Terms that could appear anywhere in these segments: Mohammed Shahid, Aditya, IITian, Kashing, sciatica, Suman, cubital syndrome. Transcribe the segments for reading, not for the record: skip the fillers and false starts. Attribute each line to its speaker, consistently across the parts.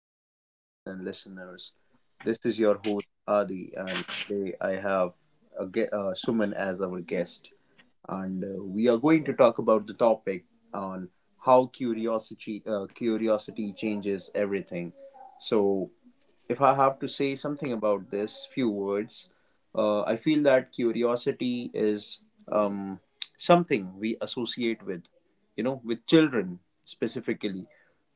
Speaker 1: our viewers and listeners. This is your host Adi, and today I have Suman as our guest, and we are going to talk about the topic on how curiosity curiosity changes everything. So if I have to say something about this, few words, I feel that curiosity is um, something we associate with, you know, with children specifically.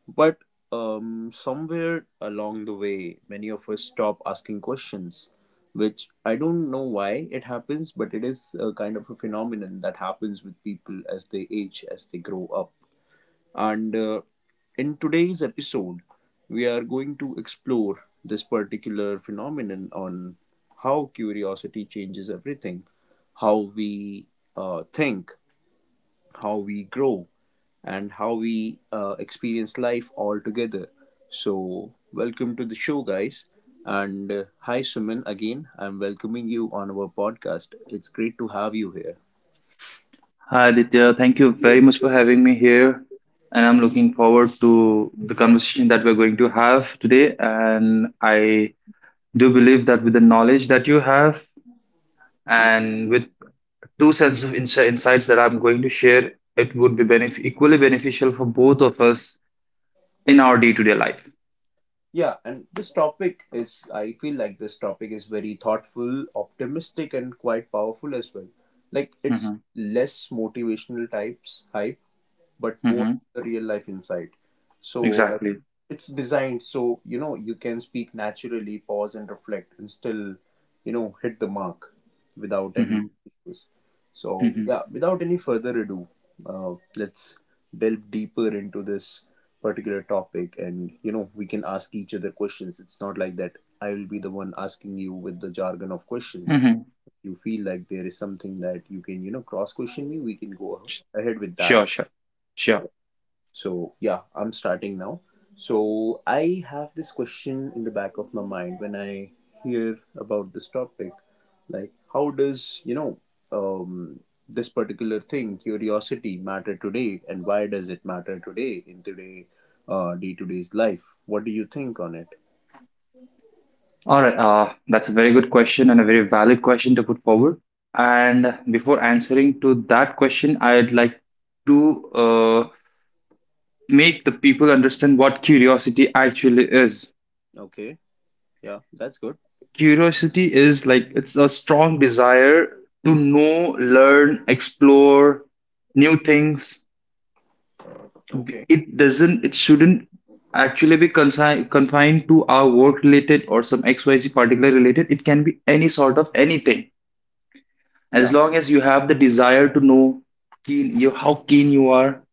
Speaker 1: But somewhere along the way, many of us stop asking questions, which I don't know why it happens, but it is a kind of a phenomenon that happens with people as they age, as they grow up and in today's episode, we are going to explore this particular phenomenon on how curiosity changes everything, how we think, how we grow, and how we experience life altogether. So, welcome to the show, guys. And hi, Suman, again. I'm welcoming you on our podcast. It's great to have you here.
Speaker 2: Hi Aditya, thank you very much for having me here. And I'm looking forward to the conversation that we're going to have today. And I do believe that with the knowledge that you have and with two sets of insights that I'm going to share, it would be equally beneficial for both of us in our day to day life.
Speaker 1: Yeah, and this topic is, I feel like this topic is very thoughtful, optimistic, and quite powerful as well. Like, it's
Speaker 2: Hmm.
Speaker 1: less motivational types hype but more
Speaker 2: Hmm.
Speaker 1: the real life insight. So like
Speaker 2: Exactly.
Speaker 1: it's designed so you know you can speak naturally, pause and reflect, and still you know hit the mark without any
Speaker 2: Hmm.
Speaker 1: issues. So
Speaker 2: Hmm.
Speaker 1: yeah, without any further ado, let's delve deeper into this particular topic, and you know we can ask each other questions. It's not like that. I will be the one asking you with the jargon of questions.
Speaker 2: Hmm.
Speaker 1: If you feel like there is something that you can, you know, cross question me, we can go ahead with that
Speaker 2: Sure, sure, sure.
Speaker 1: so, yeah, I'm starting now. So, I have this question in the back of my mind when I hear about this topic like, how does, you know, um, this particular thing, curiosity, matter today, and why does it matter today in today, day to day's life? What do you think on it?
Speaker 2: All right, that's a very good question and a very valid question to put forward. And before answering to that question, I'd like to
Speaker 1: Hmm?
Speaker 2: make the people understand what curiosity actually is.
Speaker 1: Okay, yeah, that's good.
Speaker 2: Curiosity is like it's a strong desire to know, learn, explore new things. B-
Speaker 1: Okay.
Speaker 2: It doesn't, it shouldn't actually be confined to our work related or some XYZ particular related. It can be any sort of anything as
Speaker 1: Yeah.
Speaker 2: long as you have the desire to know, keen you how keen you are,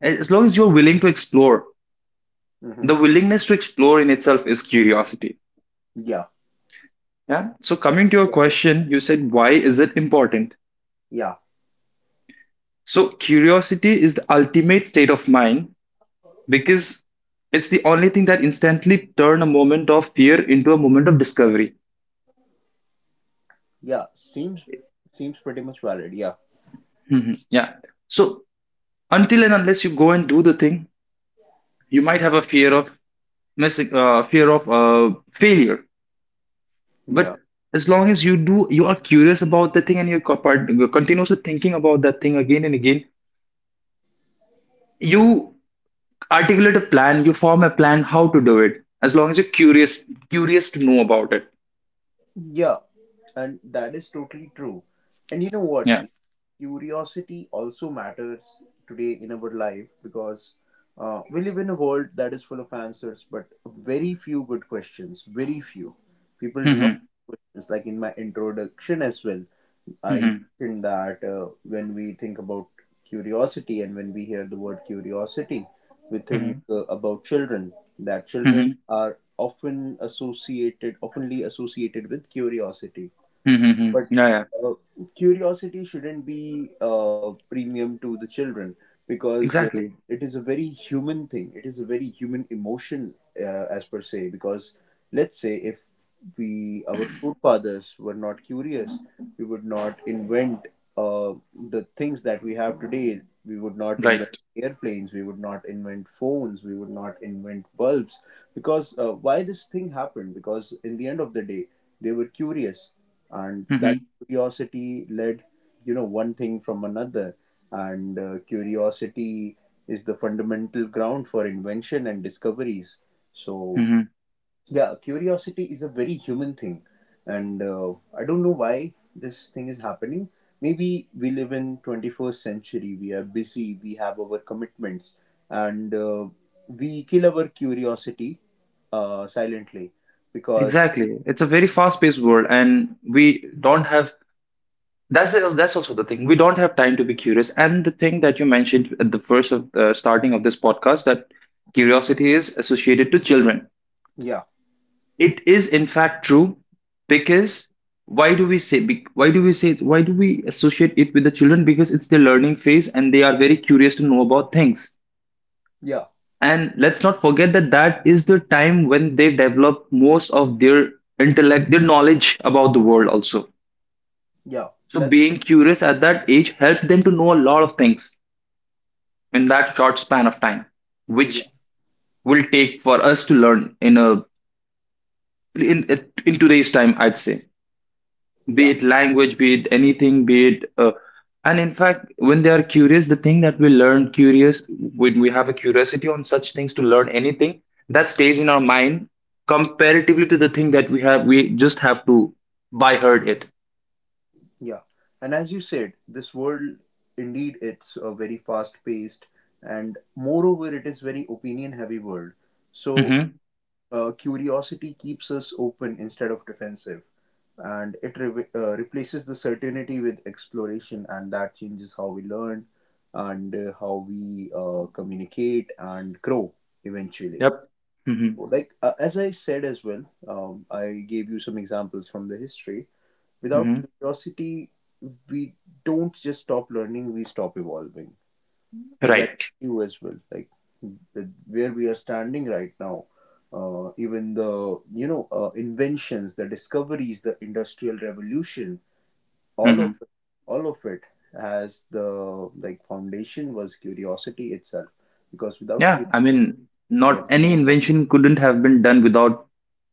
Speaker 2: as long as you're willing to explore.
Speaker 1: Mm-hmm.
Speaker 2: The willingness to explore in itself is curiosity.
Speaker 1: Yeah.
Speaker 2: Yeah, so coming to your
Speaker 1: Yeah.
Speaker 2: question, you said why is it important.
Speaker 1: Yeah.
Speaker 2: So curiosity is the ultimate state of mind because it's the only thing that instantly turn a moment of fear into a moment of discovery.
Speaker 1: Yeah. Seems pretty much valid. Yeah.
Speaker 2: Mhm. Yeah. So until and unless you go and do the thing, you might have a fear of missing, fear of failure. But
Speaker 1: Yeah.
Speaker 2: as long as you do, you are curious about the thing, and you're continuously thinking about that thing again and again. You articulate a plan, you form a plan how to do it, as long as you're curious to know about it.
Speaker 1: Yeah, and that is totally true. And you know what?
Speaker 2: Yeah.
Speaker 1: Curiosity also matters today in our life because we live in a world that is full of answers, but very few good questions. Very few people do not
Speaker 2: Hmm.
Speaker 1: ask questions. Like in my introduction as well, I
Speaker 2: Hmm.
Speaker 1: mentioned that when we think about curiosity and when we hear the word curiosity, we think
Speaker 2: Hmm.
Speaker 1: about children. That children are often associated, oftenly associated with curiosity
Speaker 2: Hmm. Hmm.
Speaker 1: but
Speaker 2: Yeah, yeah.
Speaker 1: uh, curiosity shouldn't be premium to the children because
Speaker 2: Exactly.
Speaker 1: it is a very human thing. It is a very human emotion, as per se. Because let's say if we our forefathers were not curious, we would not invent uh, the things that we have today. We would not invent
Speaker 2: Right.
Speaker 1: airplanes. We would not invent phones. We would not invent bulbs. Because why this thing happened? Because in the end of the day they were curious, and that
Speaker 2: Hmm.
Speaker 1: curiosity led, you know, one thing from another. And curiosity is the fundamental ground for invention and discoveries. So,
Speaker 2: Hmm.
Speaker 1: yeah, curiosity is a very human thing, and I don't know why this thing is happening. Maybe we live in 21st century. We are busy. We have our commitments, and we kill our curiosity silently because
Speaker 2: Exactly. It's a very fast paced world and we don't have, that's also the thing, we don't have time to be curious. And the thing that you mentioned at the first of the starting of this podcast, that curiosity is associated to children,
Speaker 1: yeah
Speaker 2: it is in fact true. Because why do we say be- why do we say why do we associate it with the children, because it's their learning phase and they are very curious to know about things.
Speaker 1: yeah.
Speaker 2: And let's not forget that that is the time when they develop most of their intellect, their knowledge about the world also.
Speaker 1: Yeah,
Speaker 2: So
Speaker 1: that's
Speaker 2: being
Speaker 1: true.
Speaker 2: curious at that age helped them to know a lot of things in that short span of time,
Speaker 1: Yeah,
Speaker 2: which will take for us to learn in a in in today's time, I'd say, be
Speaker 1: yeah,
Speaker 2: it language, be it anything, be it. And in fact, when they are curious, the thing that we learn curious, when we have a curiosity on such things to learn anything, that stays in our mind comparatively to the thing we just have to by heard it.
Speaker 1: yeah. And as you said, this world indeed it's very fast paced, and moreover, it is very opinion heavy world. So
Speaker 2: Mm-hmm.
Speaker 1: curiosity keeps us open instead of defensive, and it replaces the certainty with exploration, and that changes how we learn, and how we communicate and grow eventually.
Speaker 2: Yep. Mm-hmm.
Speaker 1: Like as I said as well, I gave you some examples from the history. Without
Speaker 2: Mm-hmm.
Speaker 1: curiosity, we don't just stop learning, we stop evolving. As I told
Speaker 2: Right.
Speaker 1: you as well, like where we are standing right now, even the you know inventions, the discoveries, the industrial revolution, all of
Speaker 2: Mm-hmm.
Speaker 1: it, all of it has the like foundation was curiosity itself. Because without
Speaker 2: Yeah. I
Speaker 1: curiosity,
Speaker 2: mean, not
Speaker 1: there is
Speaker 2: any
Speaker 1: no.
Speaker 2: invention couldn't have been done without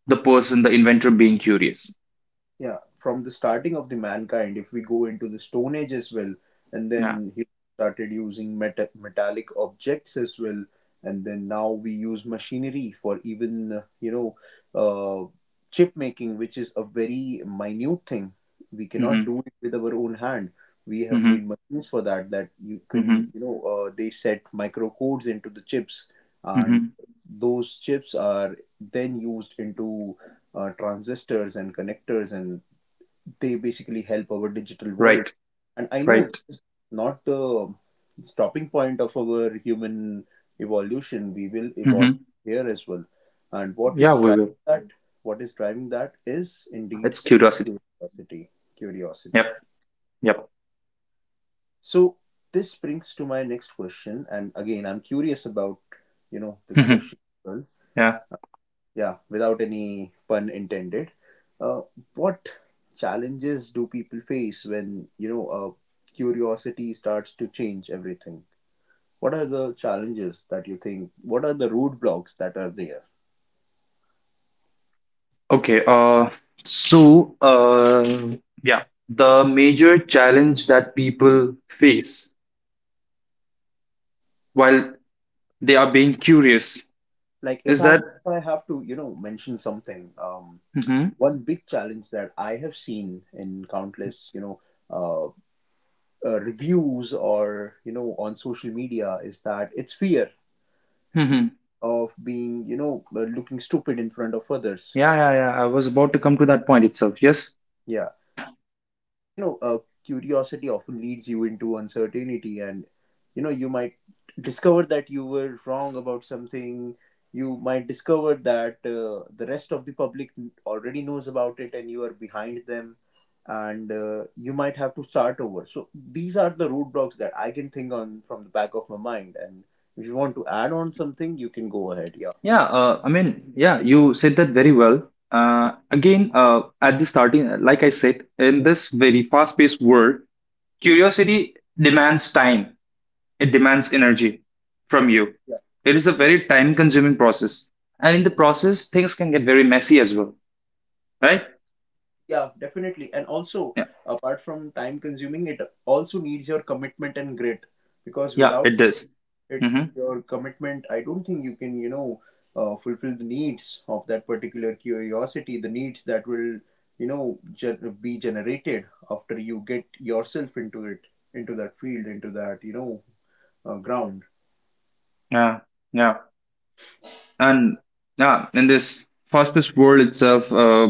Speaker 2: The inventor being curious.
Speaker 1: Yeah, from the starting of the mankind, if we go into the Stone Age as well, and
Speaker 2: Yeah.
Speaker 1: then he started using metallic objects as well, and then now we use machinery for even you know uh, chip making, which is a very minute thing. We cannot
Speaker 2: Mm-hmm.
Speaker 1: do it with our own hand. We have
Speaker 2: Mm-hmm.
Speaker 1: made machines for that that you can
Speaker 2: Mm-hmm.
Speaker 1: you know they set micro codes into the chips, and
Speaker 2: Mm-hmm.
Speaker 1: those chips are then used into transistors and connectors and they basically help our digital world.
Speaker 2: Right.
Speaker 1: And I know
Speaker 2: Right.
Speaker 1: this is not the stopping point of our human evolution. We will evolve
Speaker 2: Mm-hmm.
Speaker 1: here as well. And what
Speaker 2: Yeah,
Speaker 1: is
Speaker 2: we
Speaker 1: driving
Speaker 2: will.
Speaker 1: that? What is driving that is indeed
Speaker 2: It's curiosity.
Speaker 1: curiosity. Curiosity.
Speaker 2: Yep. Yep.
Speaker 1: So this brings to my next question, and again, I'm curious about you know this
Speaker 2: Mm-hmm.
Speaker 1: question as well.
Speaker 2: Yeah.
Speaker 1: Yeah, without any pun intended. Uh, what challenges do people face when, you know, curiosity starts to change everything? What are the challenges that you think? What are the roadblocks that are there?
Speaker 2: Okay. So, yeah, the major challenge that people face while they are being curious
Speaker 1: Like,
Speaker 2: is
Speaker 1: if
Speaker 2: that.
Speaker 1: I have to, you know, mention something,
Speaker 2: Mm-hmm.
Speaker 1: one big challenge that I have seen in countless, you know, uh, reviews or, you know, on social media is that it's fear. Fear
Speaker 2: Mm-hmm.
Speaker 1: of being, you know, looking stupid in front of others.
Speaker 2: Yeah, yeah, yeah. I was about to come to that point itself. Yes.
Speaker 1: Yeah, because you know, curiosity often leads you into uncertainty, and you know, you might discover that you were wrong about something. You might discover that the rest of the public already knows about it, and you are behind them, and you might have to start over. So these are the roadblocks that I can think on from the back of my mind. And if you want to add on something, you can go ahead. Yeah.
Speaker 2: Yeah, I mean, yeah, you said that very well. Again, at the starting, like I said, in this very fast-paced world, curiosity demands time. It demands energy from you.
Speaker 1: Yeah.
Speaker 2: It is a very time-consuming process, and in the process, things can get very messy as well, right?
Speaker 1: Yeah, definitely. And also,
Speaker 2: Yeah,
Speaker 1: apart from time consuming, it also needs your commitment and grit because
Speaker 2: yeah,
Speaker 1: without
Speaker 2: it does.
Speaker 1: it,
Speaker 2: Mm-hmm.
Speaker 1: your commitment, I don't think you can, you know, fulfill the needs of that particular curiosity, the needs that will, you know, be generated after you get yourself into it, into that field, into that, you know, ground.
Speaker 2: Yeah, yeah, and yeah, in this fast-paced world itself,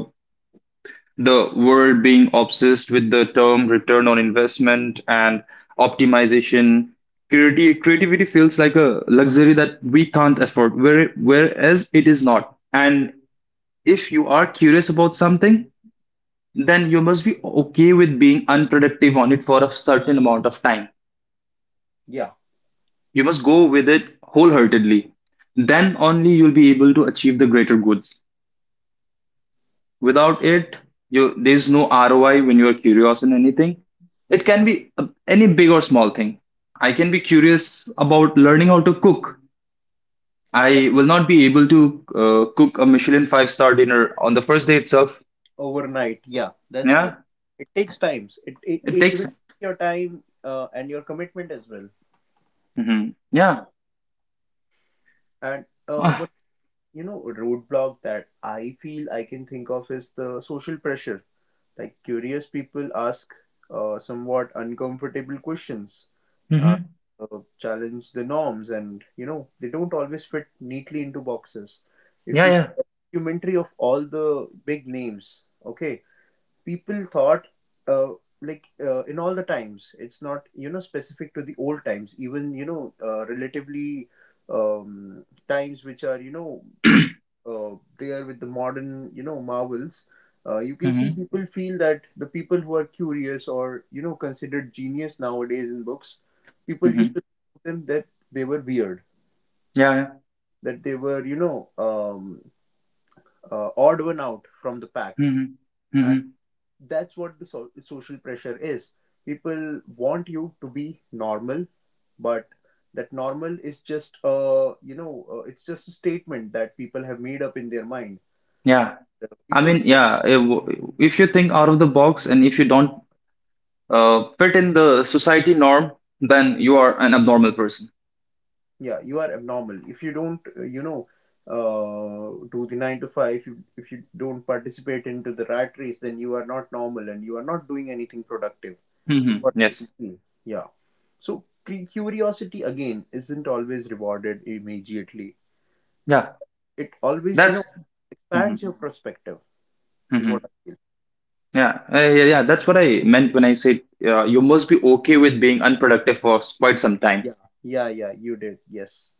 Speaker 2: the world being obsessed with the term return on investment and optimization. Creativity feels like a luxury that we can't afford, whereas it is not. And if you are curious about something, then you must be okay with being unproductive on it for a certain amount of time.
Speaker 1: Yeah,
Speaker 2: You must go with it wholeheartedly. Then only you'll be able to achieve the greater goods. Without it, you there's no ROI when you're curious in anything. It can be any big or small thing. I can be curious about learning how to cook.
Speaker 1: yeah,
Speaker 2: I will not be able to cook a Michelin five star dinner on the first day itself.
Speaker 1: overnight. Yeah, that's true.
Speaker 2: Yeah,
Speaker 1: It takes times. It it
Speaker 2: it
Speaker 1: it
Speaker 2: takes.
Speaker 1: will take your time and your commitment as well.
Speaker 2: Mhm. Yeah.
Speaker 1: And
Speaker 2: Ah.
Speaker 1: you know roadblock that I feel I can think of is the social pressure, like curious people ask somewhat uncomfortable questions, uh,
Speaker 2: Mhm.
Speaker 1: challenge the norms and you know they don't always fit neatly into boxes. If
Speaker 2: Yeah,
Speaker 1: you
Speaker 2: yeah.
Speaker 1: see a documentary of all the big names, okay, people thought uh, like in all the times it's not you know specific to the old times, even you know relatively times which are you know uh, there with the modern you know marvels, you can see
Speaker 2: Mhm.
Speaker 1: people feel that the people who are curious or you know considered genius nowadays in books, people used
Speaker 2: Mhm.
Speaker 1: to think of them that they were weird,
Speaker 2: Yeah, yeah.
Speaker 1: that they were you know odd one out from the pack.
Speaker 2: Mhm.
Speaker 1: And
Speaker 2: Mhm.
Speaker 1: that's what the social pressure is. People want you to be normal, but that normal is just you know it's just a statement that people have made up in their mind.
Speaker 2: Yeah,
Speaker 1: The
Speaker 2: I
Speaker 1: people
Speaker 2: mean, yeah, if you think out of the box and if you don't fit in the society norm, then you are an abnormal person.
Speaker 1: yeah you are abnormal if you don't you know do the 9 to 5. If if you don't participate into the rat race then you are not normal and you are not doing anything productive, is
Speaker 2: Hmm.
Speaker 1: what people
Speaker 2: Yes.
Speaker 1: feel. Yeah, so curiosity again isn't always rewarded immediately.
Speaker 2: Yeah.
Speaker 1: It always you know
Speaker 2: That's. Hmm.
Speaker 1: expands your perspective, is what
Speaker 2: Hmm.
Speaker 1: I feel.
Speaker 2: Yeah. Yeah. Yeah. That's what I meant when I said you must be okay with being unproductive for quite some time.
Speaker 1: Yeah yeah yeah you did yes.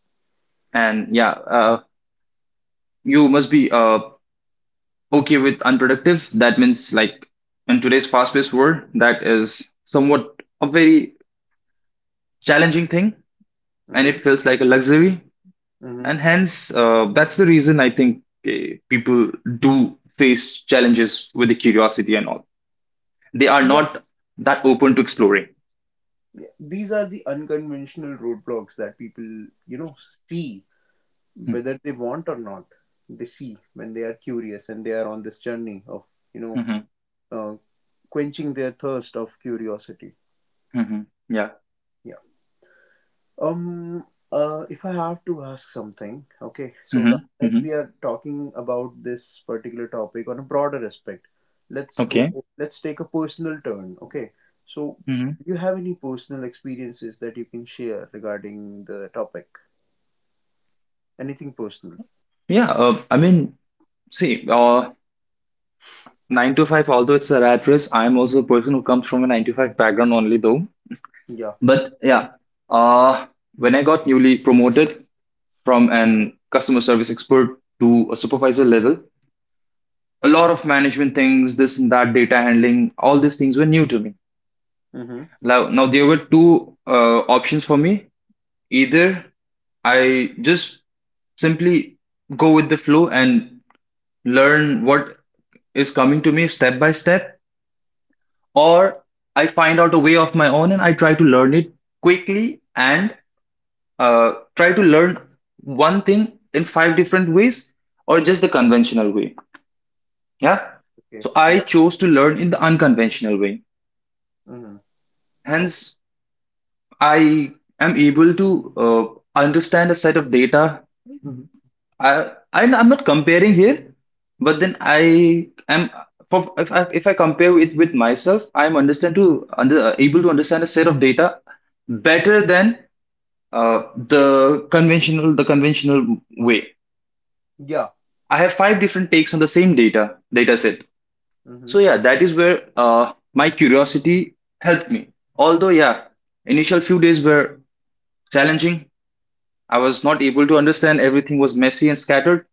Speaker 2: And yeah, you must be okay with unproductive. That means, like, in today's fast paced world, that is somewhat a very challenging thing. And
Speaker 1: Mm-hmm.
Speaker 2: it feels like a luxury.
Speaker 1: Mm-hmm.
Speaker 2: And hence, that's the reason I think people do face challenges with the curiosity and all. They are
Speaker 1: Yeah,
Speaker 2: not that open to exploring.
Speaker 1: yeah, these are the unconventional roadblocks that people, you know, see, whether they want or not, they see when they are curious and they are on this journey of you know
Speaker 2: Mm-hmm.
Speaker 1: uh, quenching their thirst of curiosity.
Speaker 2: Mm-hmm. Yeah.
Speaker 1: Yeah. um if I have to ask something, okay, so
Speaker 2: Mm-hmm.
Speaker 1: like
Speaker 2: Mm-hmm.
Speaker 1: we are talking about this particular topic on a broader aspect, let's go,
Speaker 2: Okay.
Speaker 1: let's take a personal turn, okay, so
Speaker 2: Mm-hmm.
Speaker 1: do you have any personal experiences that you can share regarding the topic? Anything personal?
Speaker 2: Yeah. I mean, see, nine to five, although it's a rat race, I'm also a person who comes from a nine to five background only, though.
Speaker 1: Yeah.
Speaker 2: But yeah, uh, when I got newly promoted from an customer service expert to a supervisor level, a lot of management things, this and that, data handling, all these things were new to me.
Speaker 1: Mm-hmm.
Speaker 2: Now, there were two options for me. Either I just simply go with the flow and learn what is coming to me step by step, or I find out a way of my own and I try to learn it quickly and try to learn one thing in five different ways or just the conventional way. Yeah.
Speaker 1: Okay,
Speaker 2: So I
Speaker 1: yeah.
Speaker 2: chose to learn in the unconventional way.
Speaker 1: Mm-hmm. Okay.
Speaker 2: Hence, I am able to understand a set of data. I'm not comparing here, but then I am, for if I compare it with myself, I am able to understand a set of data better than the conventional way.
Speaker 1: Yeah.
Speaker 2: I have five different takes on the same data set.
Speaker 1: Mm-hmm.
Speaker 2: So yeah, that is where my curiosity helped me. Although yeah, initial few days were challenging. I was not able to understand. Everything was messy and scattered.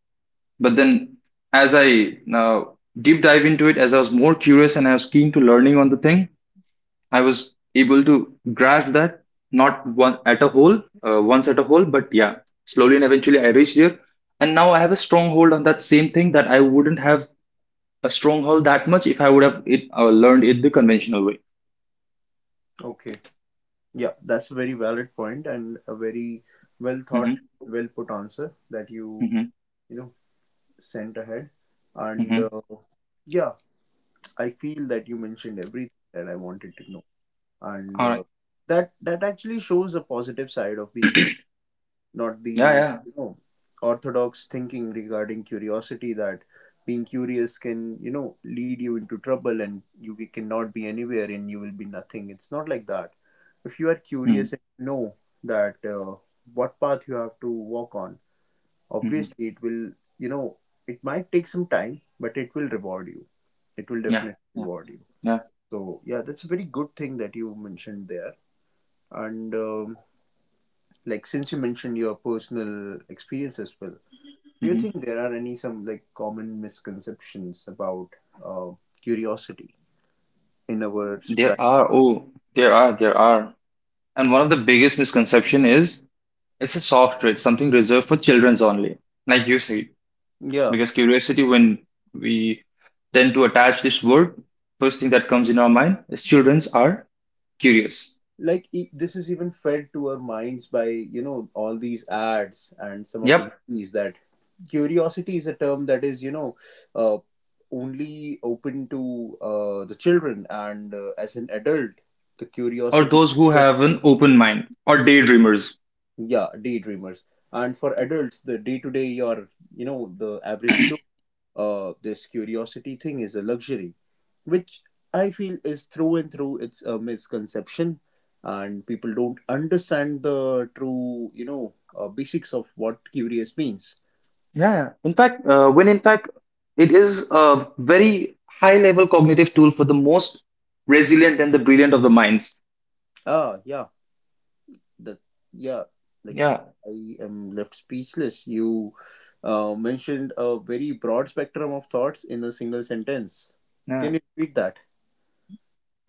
Speaker 2: But then, as I deep dive into it, as I was more curious and I was keen to learning on the thing, I was able to grasp that not one at a whole, once at a whole, but yeah, slowly and eventually I reached there. And now I have a stronghold on that same thing that I wouldn't have a stronghold that much if I would have it learned it the conventional way.
Speaker 1: Okay. Yeah, that's a very valid point and a very well
Speaker 2: Mm-hmm,
Speaker 1: thought, well put answer that you,
Speaker 2: mm-hmm,
Speaker 1: you know, sent ahead. And
Speaker 2: mm-hmm.
Speaker 1: yeah, I feel that you mentioned everything that I wanted to know. And
Speaker 2: All right.
Speaker 1: that that actually shows a positive side of being curious. Not
Speaker 2: Yeah,
Speaker 1: the
Speaker 2: yeah.
Speaker 1: orthodox thinking regarding curiosity, that being curious can, lead you into trouble and you cannot be anywhere and you will be nothing. It's not like that. If you are
Speaker 2: Mm-hmm.
Speaker 1: curious and you know that what path you have to walk on,
Speaker 2: Mm-hmm.
Speaker 1: obviously it will you know it might take some time, but it will reward you. It will
Speaker 2: Yeah,
Speaker 1: definitely
Speaker 2: yeah,
Speaker 1: reward you.
Speaker 2: yeah.
Speaker 1: So yeah, that's a very good thing that you mentioned there. And like, since you mentioned your personal experience as well, do you
Speaker 2: Mhm.
Speaker 1: think there are any some like common misconceptions about uh, curiosity in our society?
Speaker 2: There are, oh, there are, there are. And one of the biggest misconception is it's a soft trade, something reserved for children's only, like you say.
Speaker 1: Yeah,
Speaker 2: Because curiosity, when we tend to attach this word, first thing that comes in our mind is children's are curious.
Speaker 1: like this is even fed to our minds by, all these ads and some of the
Speaker 2: Yep.
Speaker 1: movies, that curiosity is a term that is, uh, only open to the children, and as an adult the
Speaker 2: Or
Speaker 1: curiosity
Speaker 2: those who
Speaker 1: just,
Speaker 2: have an open mind or daydreamers.
Speaker 1: yeah, daydreamers. And for adults, the day to day, your you know the average Joe, this curiosity thing is a luxury, which I feel is through and through, it's a misconception, and people don't understand the true, basics of what curious means.
Speaker 2: Yeah, in fact, it is a very high level cognitive tool for the most resilient and the brilliant of the minds.
Speaker 1: Ah, yeah, that, yeah, like,
Speaker 2: Yeah.
Speaker 1: I am left speechless. You mentioned a very broad spectrum of thoughts in a single sentence. Can you repeat that?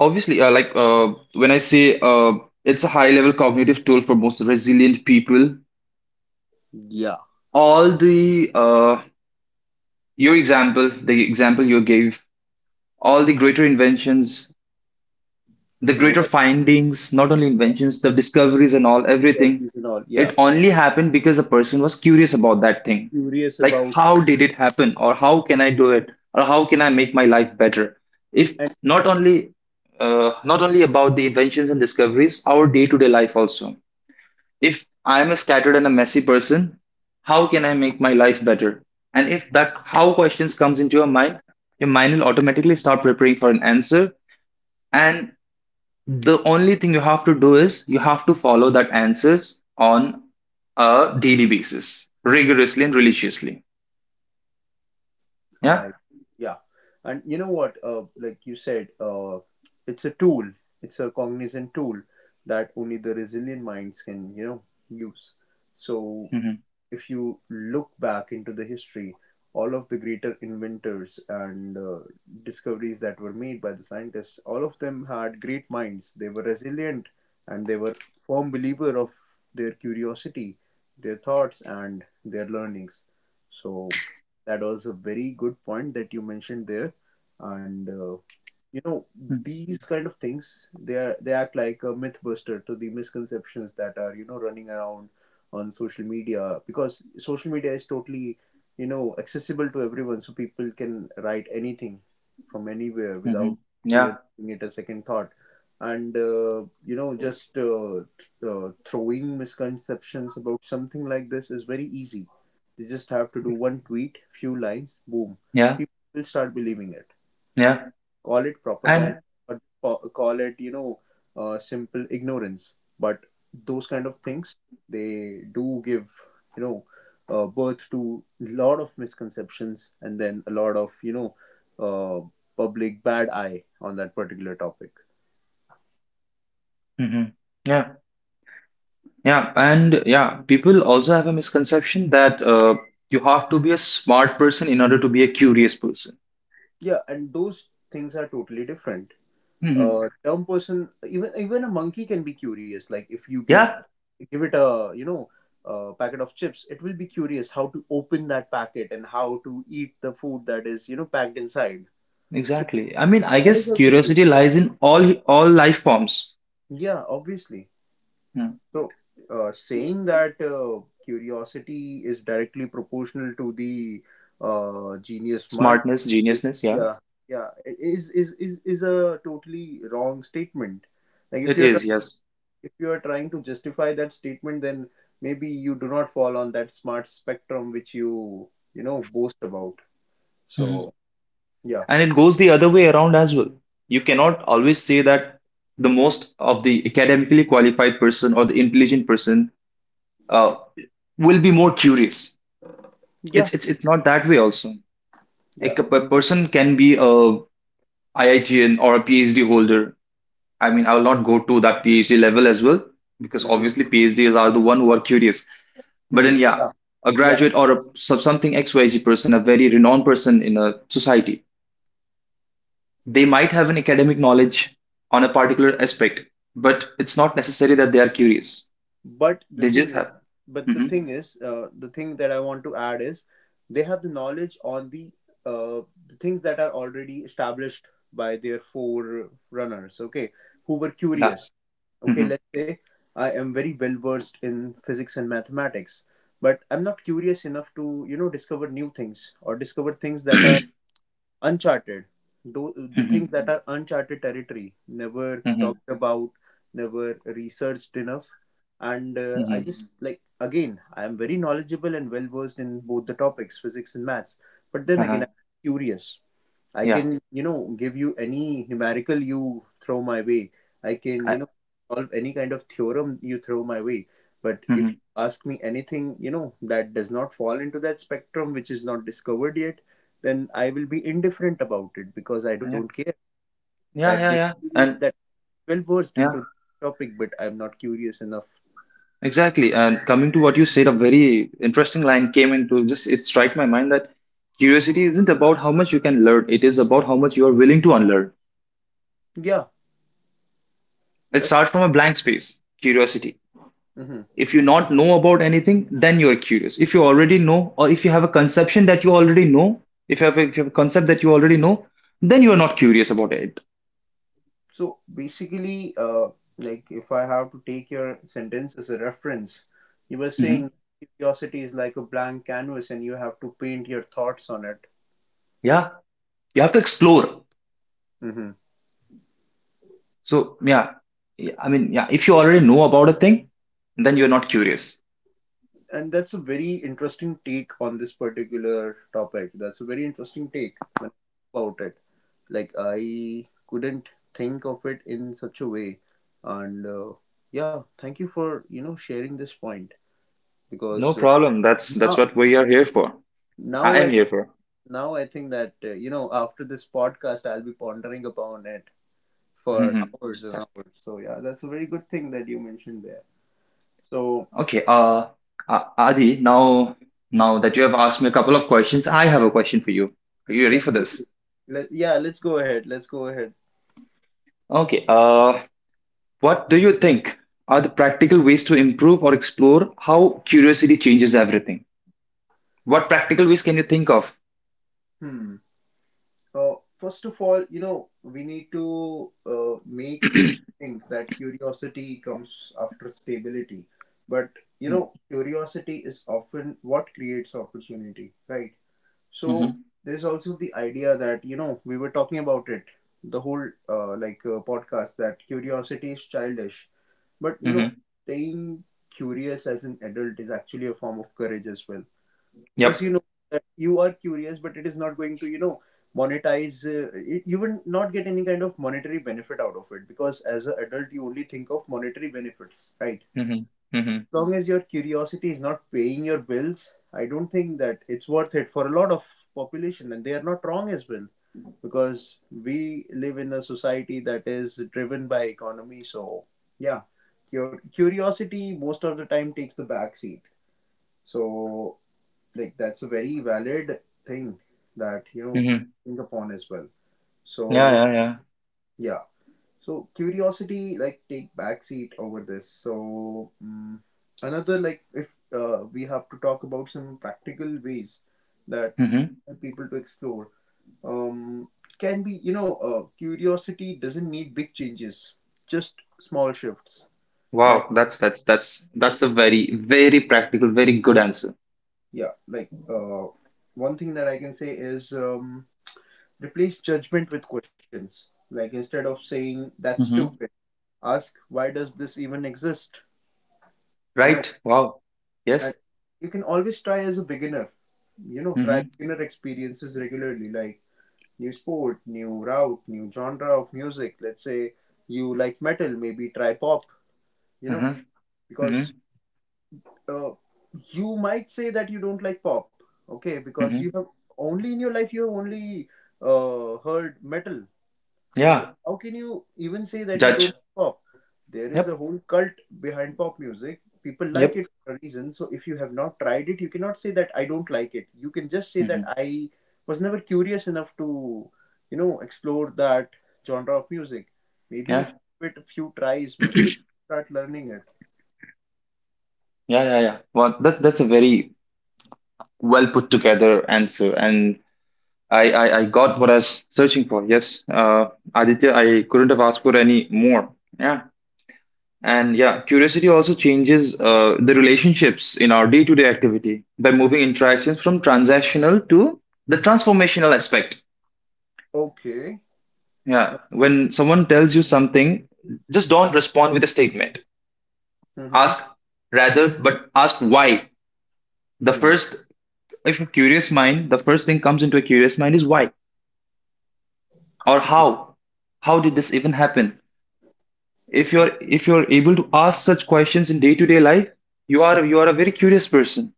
Speaker 2: Obviously, like when I say it's a high-level cognitive tool for most resilient people,
Speaker 1: Yeah.
Speaker 2: all the your example, the example you gave, all the greater inventions, the greater
Speaker 1: What?
Speaker 2: findings, not only
Speaker 1: Yeah.
Speaker 2: inventions, the discoveries and all, everything,
Speaker 1: Discoveries and all. Yeah.
Speaker 2: it only happened because the person was curious about that thing.
Speaker 1: Curious
Speaker 2: Like,
Speaker 1: about.
Speaker 2: how did it happen, or how can I do it, or how can I make my life better? If not only not only about the inventions and discoveries, our day-to-day life also. If I'm a scattered and a messy person, how can I make my life better? And if that how questions comes into your mind will automatically start preparing for an answer. And the only thing you have to do is you have to follow that answers on a daily basis, rigorously and religiously. Yeah.
Speaker 1: I Yeah. And you know what? Like you said, it's a tool. It's a cognizant tool that only the resilient minds can, use. So
Speaker 2: Mm-hmm.
Speaker 1: if you look back into the history, all of the greater inventors and discoveries that were made by the scientists, all of them had great minds. They were resilient and they were firm believer of their curiosity, their thoughts, and their learnings. So that was a very good point that you mentioned there, and you know these kind of things, they are, they act like a myth buster to the misconceptions that are, running around on social media, because social media is totally, accessible to everyone, so people can write anything from anywhere
Speaker 2: Mm-hmm. Mm-hmm.
Speaker 1: without
Speaker 2: Yeah.
Speaker 1: even giving it a second thought. And you know just throwing misconceptions about something like this is very easy. You just have to do one tweet, few lines, boom,
Speaker 2: Yeah.
Speaker 1: people will start believing it.
Speaker 2: Yeah.
Speaker 1: Call it
Speaker 2: And
Speaker 1: propaganda, or call it, simple ignorance. But those kind of things, they do give, you know birth to a lot of misconceptions, and then a lot of, uh, public bad eye on that particular topic.
Speaker 2: mm-hmm. Yeah. Yeah, and yeah, people also have a misconception that you have to be a smart person in order to be a curious person.
Speaker 1: Yeah, and those things are totally different.
Speaker 2: Mhm.
Speaker 1: A dumb person, even a monkey can be curious. Like if you give
Speaker 2: Yeah,
Speaker 1: give it a, a packet of chips, it will be curious how to open that packet and how to eat the food that is, packed inside. So
Speaker 2: exactly. I mean, I
Speaker 1: that is
Speaker 2: guess
Speaker 1: also
Speaker 2: curiosity
Speaker 1: curious,
Speaker 2: lies in all life forms.
Speaker 1: yeah, obviously.
Speaker 2: Hmm.
Speaker 1: So saying that curiosity is directly proportional to the genius mind
Speaker 2: Smartness,
Speaker 1: is
Speaker 2: geniusness, yeah,
Speaker 1: yeah yeah I- is a totally wrong statement. Like if
Speaker 2: it
Speaker 1: you're
Speaker 2: is, yes.
Speaker 1: if you are trying to justify that statement, then maybe you do not fall on that smart spectrum which boast about.
Speaker 2: Mhm.
Speaker 1: So yeah.
Speaker 2: And it goes the other way around as well. You cannot always say that the most of the academically qualified person or the intelligent person uh, will be more curious.
Speaker 1: Yeah,
Speaker 2: It's not that way also.
Speaker 1: yeah,
Speaker 2: Like
Speaker 1: maybe.
Speaker 2: person can be a IITian or a PhD holder. I mean, I will not go to that PhD level as well because
Speaker 1: Hmm.
Speaker 2: obviously PhDs are the one who are curious. But
Speaker 1: Hmm.
Speaker 2: then, yeah,
Speaker 1: Yeah.
Speaker 2: a
Speaker 1: Yeah.
Speaker 2: graduate or a something XYZ person, a very renowned person in a society, they might have an academic knowledge on a particular aspect, but it's not necessary that they are curious.
Speaker 1: but the
Speaker 2: They
Speaker 1: thing
Speaker 2: just
Speaker 1: is
Speaker 2: have.
Speaker 1: but the
Speaker 2: Mhm.
Speaker 1: thing is the thing that I want to add is, they have the knowledge on uh, the things that are already established by their forerunners, okay, who were
Speaker 2: Yeah.
Speaker 1: curious. Okay,
Speaker 2: Hmm.
Speaker 1: let's say I am very well versed in physics and mathematics, but I'm not curious enough to, you know, discover new things or discover things that are uncharted. Though, the
Speaker 2: Hmm.
Speaker 1: things that are uncharted territory, never
Speaker 2: Hmm.
Speaker 1: talked about, never researched enough. And I
Speaker 2: Hmm.
Speaker 1: just, like, again, I am very knowledgeable and well versed in both the topics, physics and maths. But then again,
Speaker 2: Uh-huh.
Speaker 1: I'm curious. I
Speaker 2: Yeah.
Speaker 1: can, you know, give you any numerical you throw my way. I can,
Speaker 2: I,
Speaker 1: you know, solve any kind of theorem you throw my way. But
Speaker 2: hmm.
Speaker 1: if you ask me anything, you know, that does not fall into that spectrum which is not discovered yet, then I will be indifferent about it because I don't
Speaker 2: Yeah.
Speaker 1: care. That
Speaker 2: Yeah. Yeah. Yeah.
Speaker 1: means
Speaker 2: And
Speaker 1: that well versed
Speaker 2: yeah,
Speaker 1: into the topic, but I'm not curious enough.
Speaker 2: exactly. And coming to what you said, a very interesting line came into just it struck my mind that curiosity isn't about how much you can learn, it is about how much you are willing to unlearn.
Speaker 1: Yeah,
Speaker 2: Let's
Speaker 1: that's.
Speaker 2: start from a blank space. Curiosity.
Speaker 1: Mhm.
Speaker 2: If you not know about anything, then you are curious. If you already know, or if you have a conception that you already know, if you have a concept that you already know, then you are not curious about it.
Speaker 1: So basically, like, if I have to take your sentence as a reference, you were
Speaker 2: Mhm.
Speaker 1: saying curiosity is like a blank canvas and you have to paint your thoughts on it.
Speaker 2: Yeah, you have to explore.
Speaker 1: Hmm.
Speaker 2: So yeah, I mean, yeah, if you already know about a thing, then you're not curious.
Speaker 1: And that's a very interesting take on this particular topic. That's a very interesting take when I think about it. Like, I couldn't think of it in such a way. And yeah, thank you for, sharing this point. Because
Speaker 2: No problem. That's
Speaker 1: now
Speaker 2: what we are here for.
Speaker 1: now
Speaker 2: I am
Speaker 1: I
Speaker 2: here for.
Speaker 1: now I think that, after this podcast I'll be pondering upon it for
Speaker 2: Mhm.
Speaker 1: hours and
Speaker 2: Sure.
Speaker 1: hours. So yeah, that's a very good thing that you mentioned there. So,
Speaker 2: Okay, Adi, now that you have asked me a couple of questions, I have a question for you. Are you ready for this?
Speaker 1: definitely, let, yeah, let's go ahead. Let's go ahead.
Speaker 2: Okay, what do you think are the practical ways to improve or explore how curiosity changes everything? What practical ways can you think of?
Speaker 1: Hmm. First of all, we need to make people think that curiosity comes after stability, but curiosity is often what creates opportunity, right? So
Speaker 2: Mm-hmm.
Speaker 1: there's also the idea that, we were talking about it the whole podcast, that curiosity is childish. But
Speaker 2: Mm-hmm.
Speaker 1: staying curious as an adult is actually a form of courage as well, because
Speaker 2: Yep.
Speaker 1: that you are curious, but it is not going to, monetize it, you will not get any kind of monetary benefit out of it, because as an adult you only think of monetary benefits, right?
Speaker 2: Mm-hmm. Mm-hmm.
Speaker 1: Long as your curiosity is not paying your bills, I don't think that it's worth it for a lot of population, and they are not wrong as well, because we live in a society that is driven by economy. So yeah, your curiosity most of the time takes the back seat. So, like, that's a very valid thing that, we
Speaker 2: Mm-hmm.
Speaker 1: think upon as well.
Speaker 2: Yeah,
Speaker 1: So
Speaker 2: yeah, yeah.
Speaker 1: yeah. So curiosity like take backseat over this. So, another, like, if we have to talk about some practical ways that
Speaker 2: Mm-hmm.
Speaker 1: people to explore, um, can be, curiosity doesn't need big changes, just small shifts. Like,
Speaker 2: Wow, that's a very practical, very good answer.
Speaker 1: yeah, like, one thing that I can say is, replace judgment with questions. Like, instead of saying that's
Speaker 2: Mm-hmm.
Speaker 1: stupid, ask why does this even exist? You know
Speaker 2: Right. Wow.
Speaker 1: and
Speaker 2: Yes.
Speaker 1: you can always try as a beginner, try
Speaker 2: Mm-hmm.
Speaker 1: beginner experiences regularly, like new sport, new route, new genre of music. Let's say you like metal, maybe try pop, you know
Speaker 2: Mm-hmm. Mm-hmm.
Speaker 1: because uh, you might say that you don't like pop, okay, because you
Speaker 2: Mm-hmm.
Speaker 1: have only in your life you have only heard metal. So
Speaker 2: Yeah.
Speaker 1: how can you even say that you don't
Speaker 2: Judge.
Speaker 1: like pop? There is a
Speaker 2: Yep.
Speaker 1: whole cult behind pop music. People like
Speaker 2: Yep.
Speaker 1: it for a reason. So if you have not tried it, you cannot say that I don't like it. You can just say that
Speaker 2: Mm-hmm.
Speaker 1: I was never curious enough to, you know, explore that genre of music. Maybe
Speaker 2: Yeah.
Speaker 1: if you give it a few tries, maybe you start learning it.
Speaker 2: Yeah. Yeah. Yeah. Well, that's a very well put together answer, and I got what I was searching for. Yes. Aditya, I couldn't have asked for any more. Yeah. And yeah, curiosity also changes the relationships in our day-to-day activity by moving interactions from transactional to the transformational aspect.
Speaker 1: Okay.
Speaker 2: Yeah,
Speaker 1: Okay.
Speaker 2: when someone tells you something, just don't respond with a statement.
Speaker 1: Mm-hmm.
Speaker 2: Ask rather, but ask why. The
Speaker 1: Hmm.
Speaker 2: first, if a curious mind, the first thing comes into a curious mind is why or how. How did this even happen? If you're able to ask such questions in day-to-day life, you are a very curious person.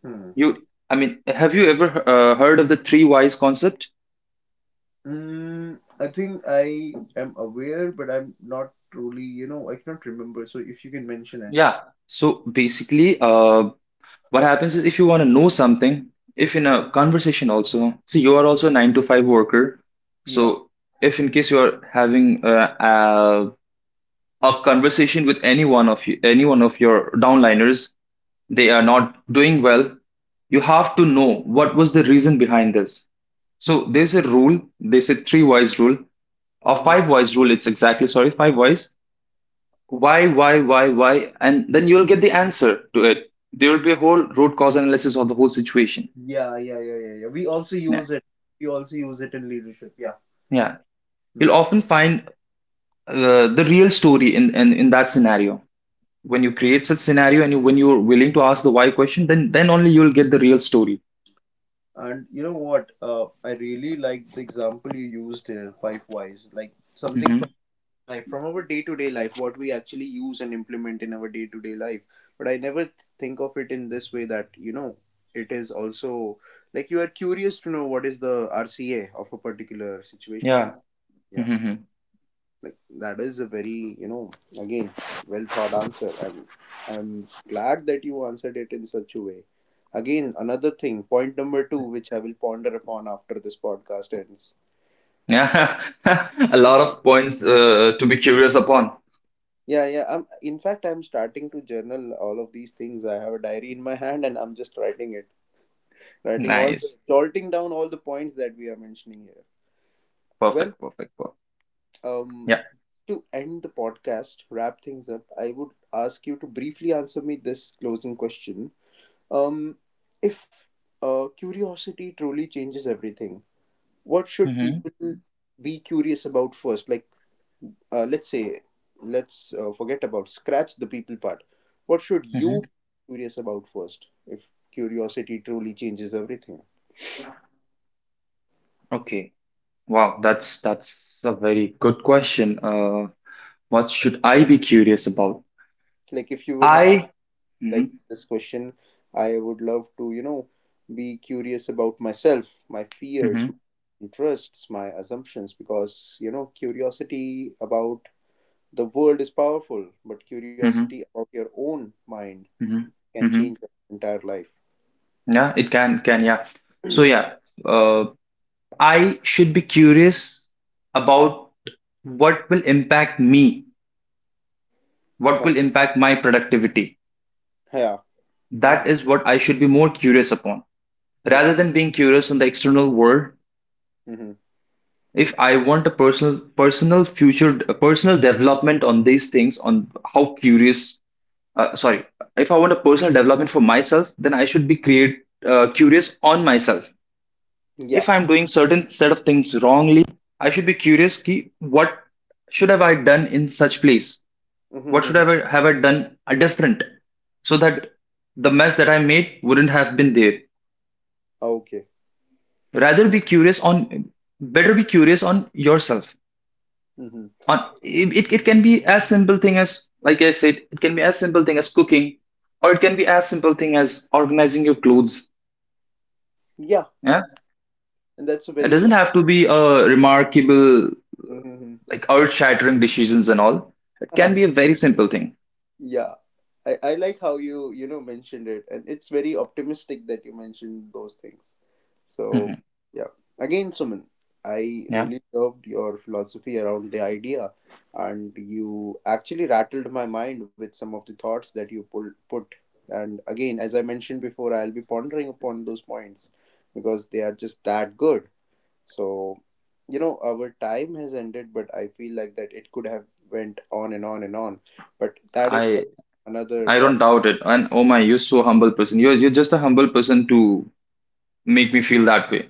Speaker 1: Hmm.
Speaker 2: You, I mean, have you ever heard of the three whys concept?
Speaker 1: I think I am aware, but I'm not truly, you know, I cannot remember. So if you can mention it.
Speaker 2: Yeah. So basically, what happens is if you want to know something, if in a conversation also see you are also a 9 to 5 worker,
Speaker 1: Yeah.
Speaker 2: so if in case you are having a, a conversation with any one of your downliners, they are not doing well, you have to know what was the reason behind this. So there's a rule, they say three wise rule or
Speaker 1: Mm-hmm.
Speaker 2: five wise rule, it's exactly, sorry, five wise. Why, why, and then you'll get the answer to it. There will be a whole root cause analysis of the whole situation.
Speaker 1: Yeah, yeah, yeah, yeah, yeah. We also
Speaker 2: Yeah,
Speaker 1: use it. We also use it in leadership. Yeah.
Speaker 2: yeah. You'll
Speaker 1: Mm.
Speaker 2: often find the real story in that scenario. When you create such scenario and you, when you're willing to ask the why question, then only you'll get the real story.
Speaker 1: And you know what? I really like the example you used here, five whys. Like, something
Speaker 2: Hmm.
Speaker 1: from life, from our day to day life, what we actually use and implement in our day to day life. But I never think of it in this way, that, it is also, like, you are curious to know what is the RCA of a particular situation.
Speaker 2: Yeah.
Speaker 1: Yeah.
Speaker 2: Hmm.
Speaker 1: Like, that is a very, again, well thought answer. I'm glad that you answered it in such a way. Again, another thing, point number 2, which I will ponder upon after this podcast ends.
Speaker 2: Yeah. A lot of points to be curious upon.
Speaker 1: Yeah. Yeah, I'm in fact I'm starting to journal all of these things. I have a diary in my hand and I'm just writing it, writing all the
Speaker 2: Nice.
Speaker 1: jolting down all the points that we are mentioning here. Well,
Speaker 2: Perfect. Perfect. Perfect.
Speaker 1: um
Speaker 2: Yeah.
Speaker 1: to end the podcast, wrap things up, I would ask you to briefly answer me this closing question. Um, if curiosity truly changes everything, what should
Speaker 2: Hmm.
Speaker 1: people be curious about first? Like, let's say, let's, forget about, scratch the people part. What should you
Speaker 2: Hmm.
Speaker 1: be curious about first? If curiosity truly changes everything,
Speaker 2: Okay. Wow. That's a very good question. What should I be curious about?
Speaker 1: like if you would have,
Speaker 2: I. Hmm.
Speaker 1: like, this question, I would love to, be curious about myself, my fears, my
Speaker 2: Hmm.
Speaker 1: interests, my assumptions, because, curiosity about the world is powerful, but curiosity
Speaker 2: Hmm.
Speaker 1: about your own mind
Speaker 2: Hmm.
Speaker 1: can
Speaker 2: Hmm.
Speaker 1: change your entire life.
Speaker 2: Yeah, it can yeah. So yeah, uh, I should be curious about what will impact me, what will
Speaker 1: Okay.
Speaker 2: impact my productivity.
Speaker 1: Yeah.
Speaker 2: That
Speaker 1: Hmm.
Speaker 2: is what I should be more curious upon,
Speaker 1: Yeah.
Speaker 2: rather than being curious on the external world.
Speaker 1: Hmm.
Speaker 2: If I want a personal future, a personal development on these things, on how curious sorry if I want a personal development for myself, then I should be create curious on myself. If
Speaker 1: Yeah.
Speaker 2: I'm doing certain set of things wrongly, I should be curious ki, what should have I done in such place, what should
Speaker 1: Hmm.
Speaker 2: I have I done a different, so that
Speaker 1: Yeah.
Speaker 2: the mess that I made wouldn't have been there.
Speaker 1: Okay.
Speaker 2: Rather be curious on Better be curious on yourself
Speaker 1: Hmm.
Speaker 2: on it. It can be as simple thing as, like I said, it can be as simple thing as cooking, or it can be as simple thing as organizing your clothes.
Speaker 1: Yeah.
Speaker 2: Yeah,
Speaker 1: And that's a
Speaker 2: it
Speaker 1: very.
Speaker 2: doesn't have to be a remarkable,
Speaker 1: Hmm.
Speaker 2: like earth-shattering decisions and all. It can be a very simple thing.
Speaker 1: Yeah. I like how you, you know, mentioned it. And it's very optimistic that you mentioned those things. So,
Speaker 2: Mhm.
Speaker 1: yeah. Again, Suman, I
Speaker 2: Yeah,
Speaker 1: really loved your philosophy around the idea. And you actually rattled my mind with some of the thoughts that you put. And again, as I mentioned before, I'll be pondering upon those points because they are just that good. So, our time has ended, but I feel like that it could have went on and on and on. But that is for
Speaker 2: I.
Speaker 1: another
Speaker 2: I don't
Speaker 1: part.
Speaker 2: doubt it. And oh my, you're so humble person. You're just a humble person to make me feel that way.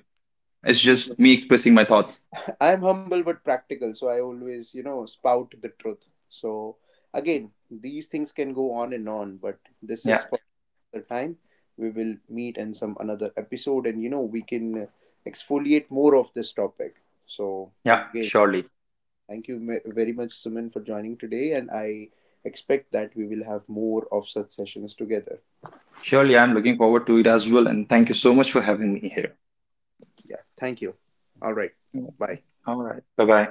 Speaker 2: It's
Speaker 1: No, no.
Speaker 2: just me expressing my thoughts.
Speaker 1: I'm humble but practical, so I always, you know, spout the truth. So again, these things can go on and on, but this is
Speaker 2: Yeah,
Speaker 1: for the time. We will meet in some another episode, and, we can exfoliate more of this topic. So
Speaker 2: yeah,
Speaker 1: again.
Speaker 2: surely,
Speaker 1: Thank you very much, Suman, for joining today. And I expect that we will have more of such sessions together.
Speaker 2: surely. I'm looking forward to it as well. And thank you so much for having me here.
Speaker 1: Yeah. Thank you. All right.
Speaker 2: Yeah.
Speaker 1: Bye.
Speaker 2: All right, bye bye.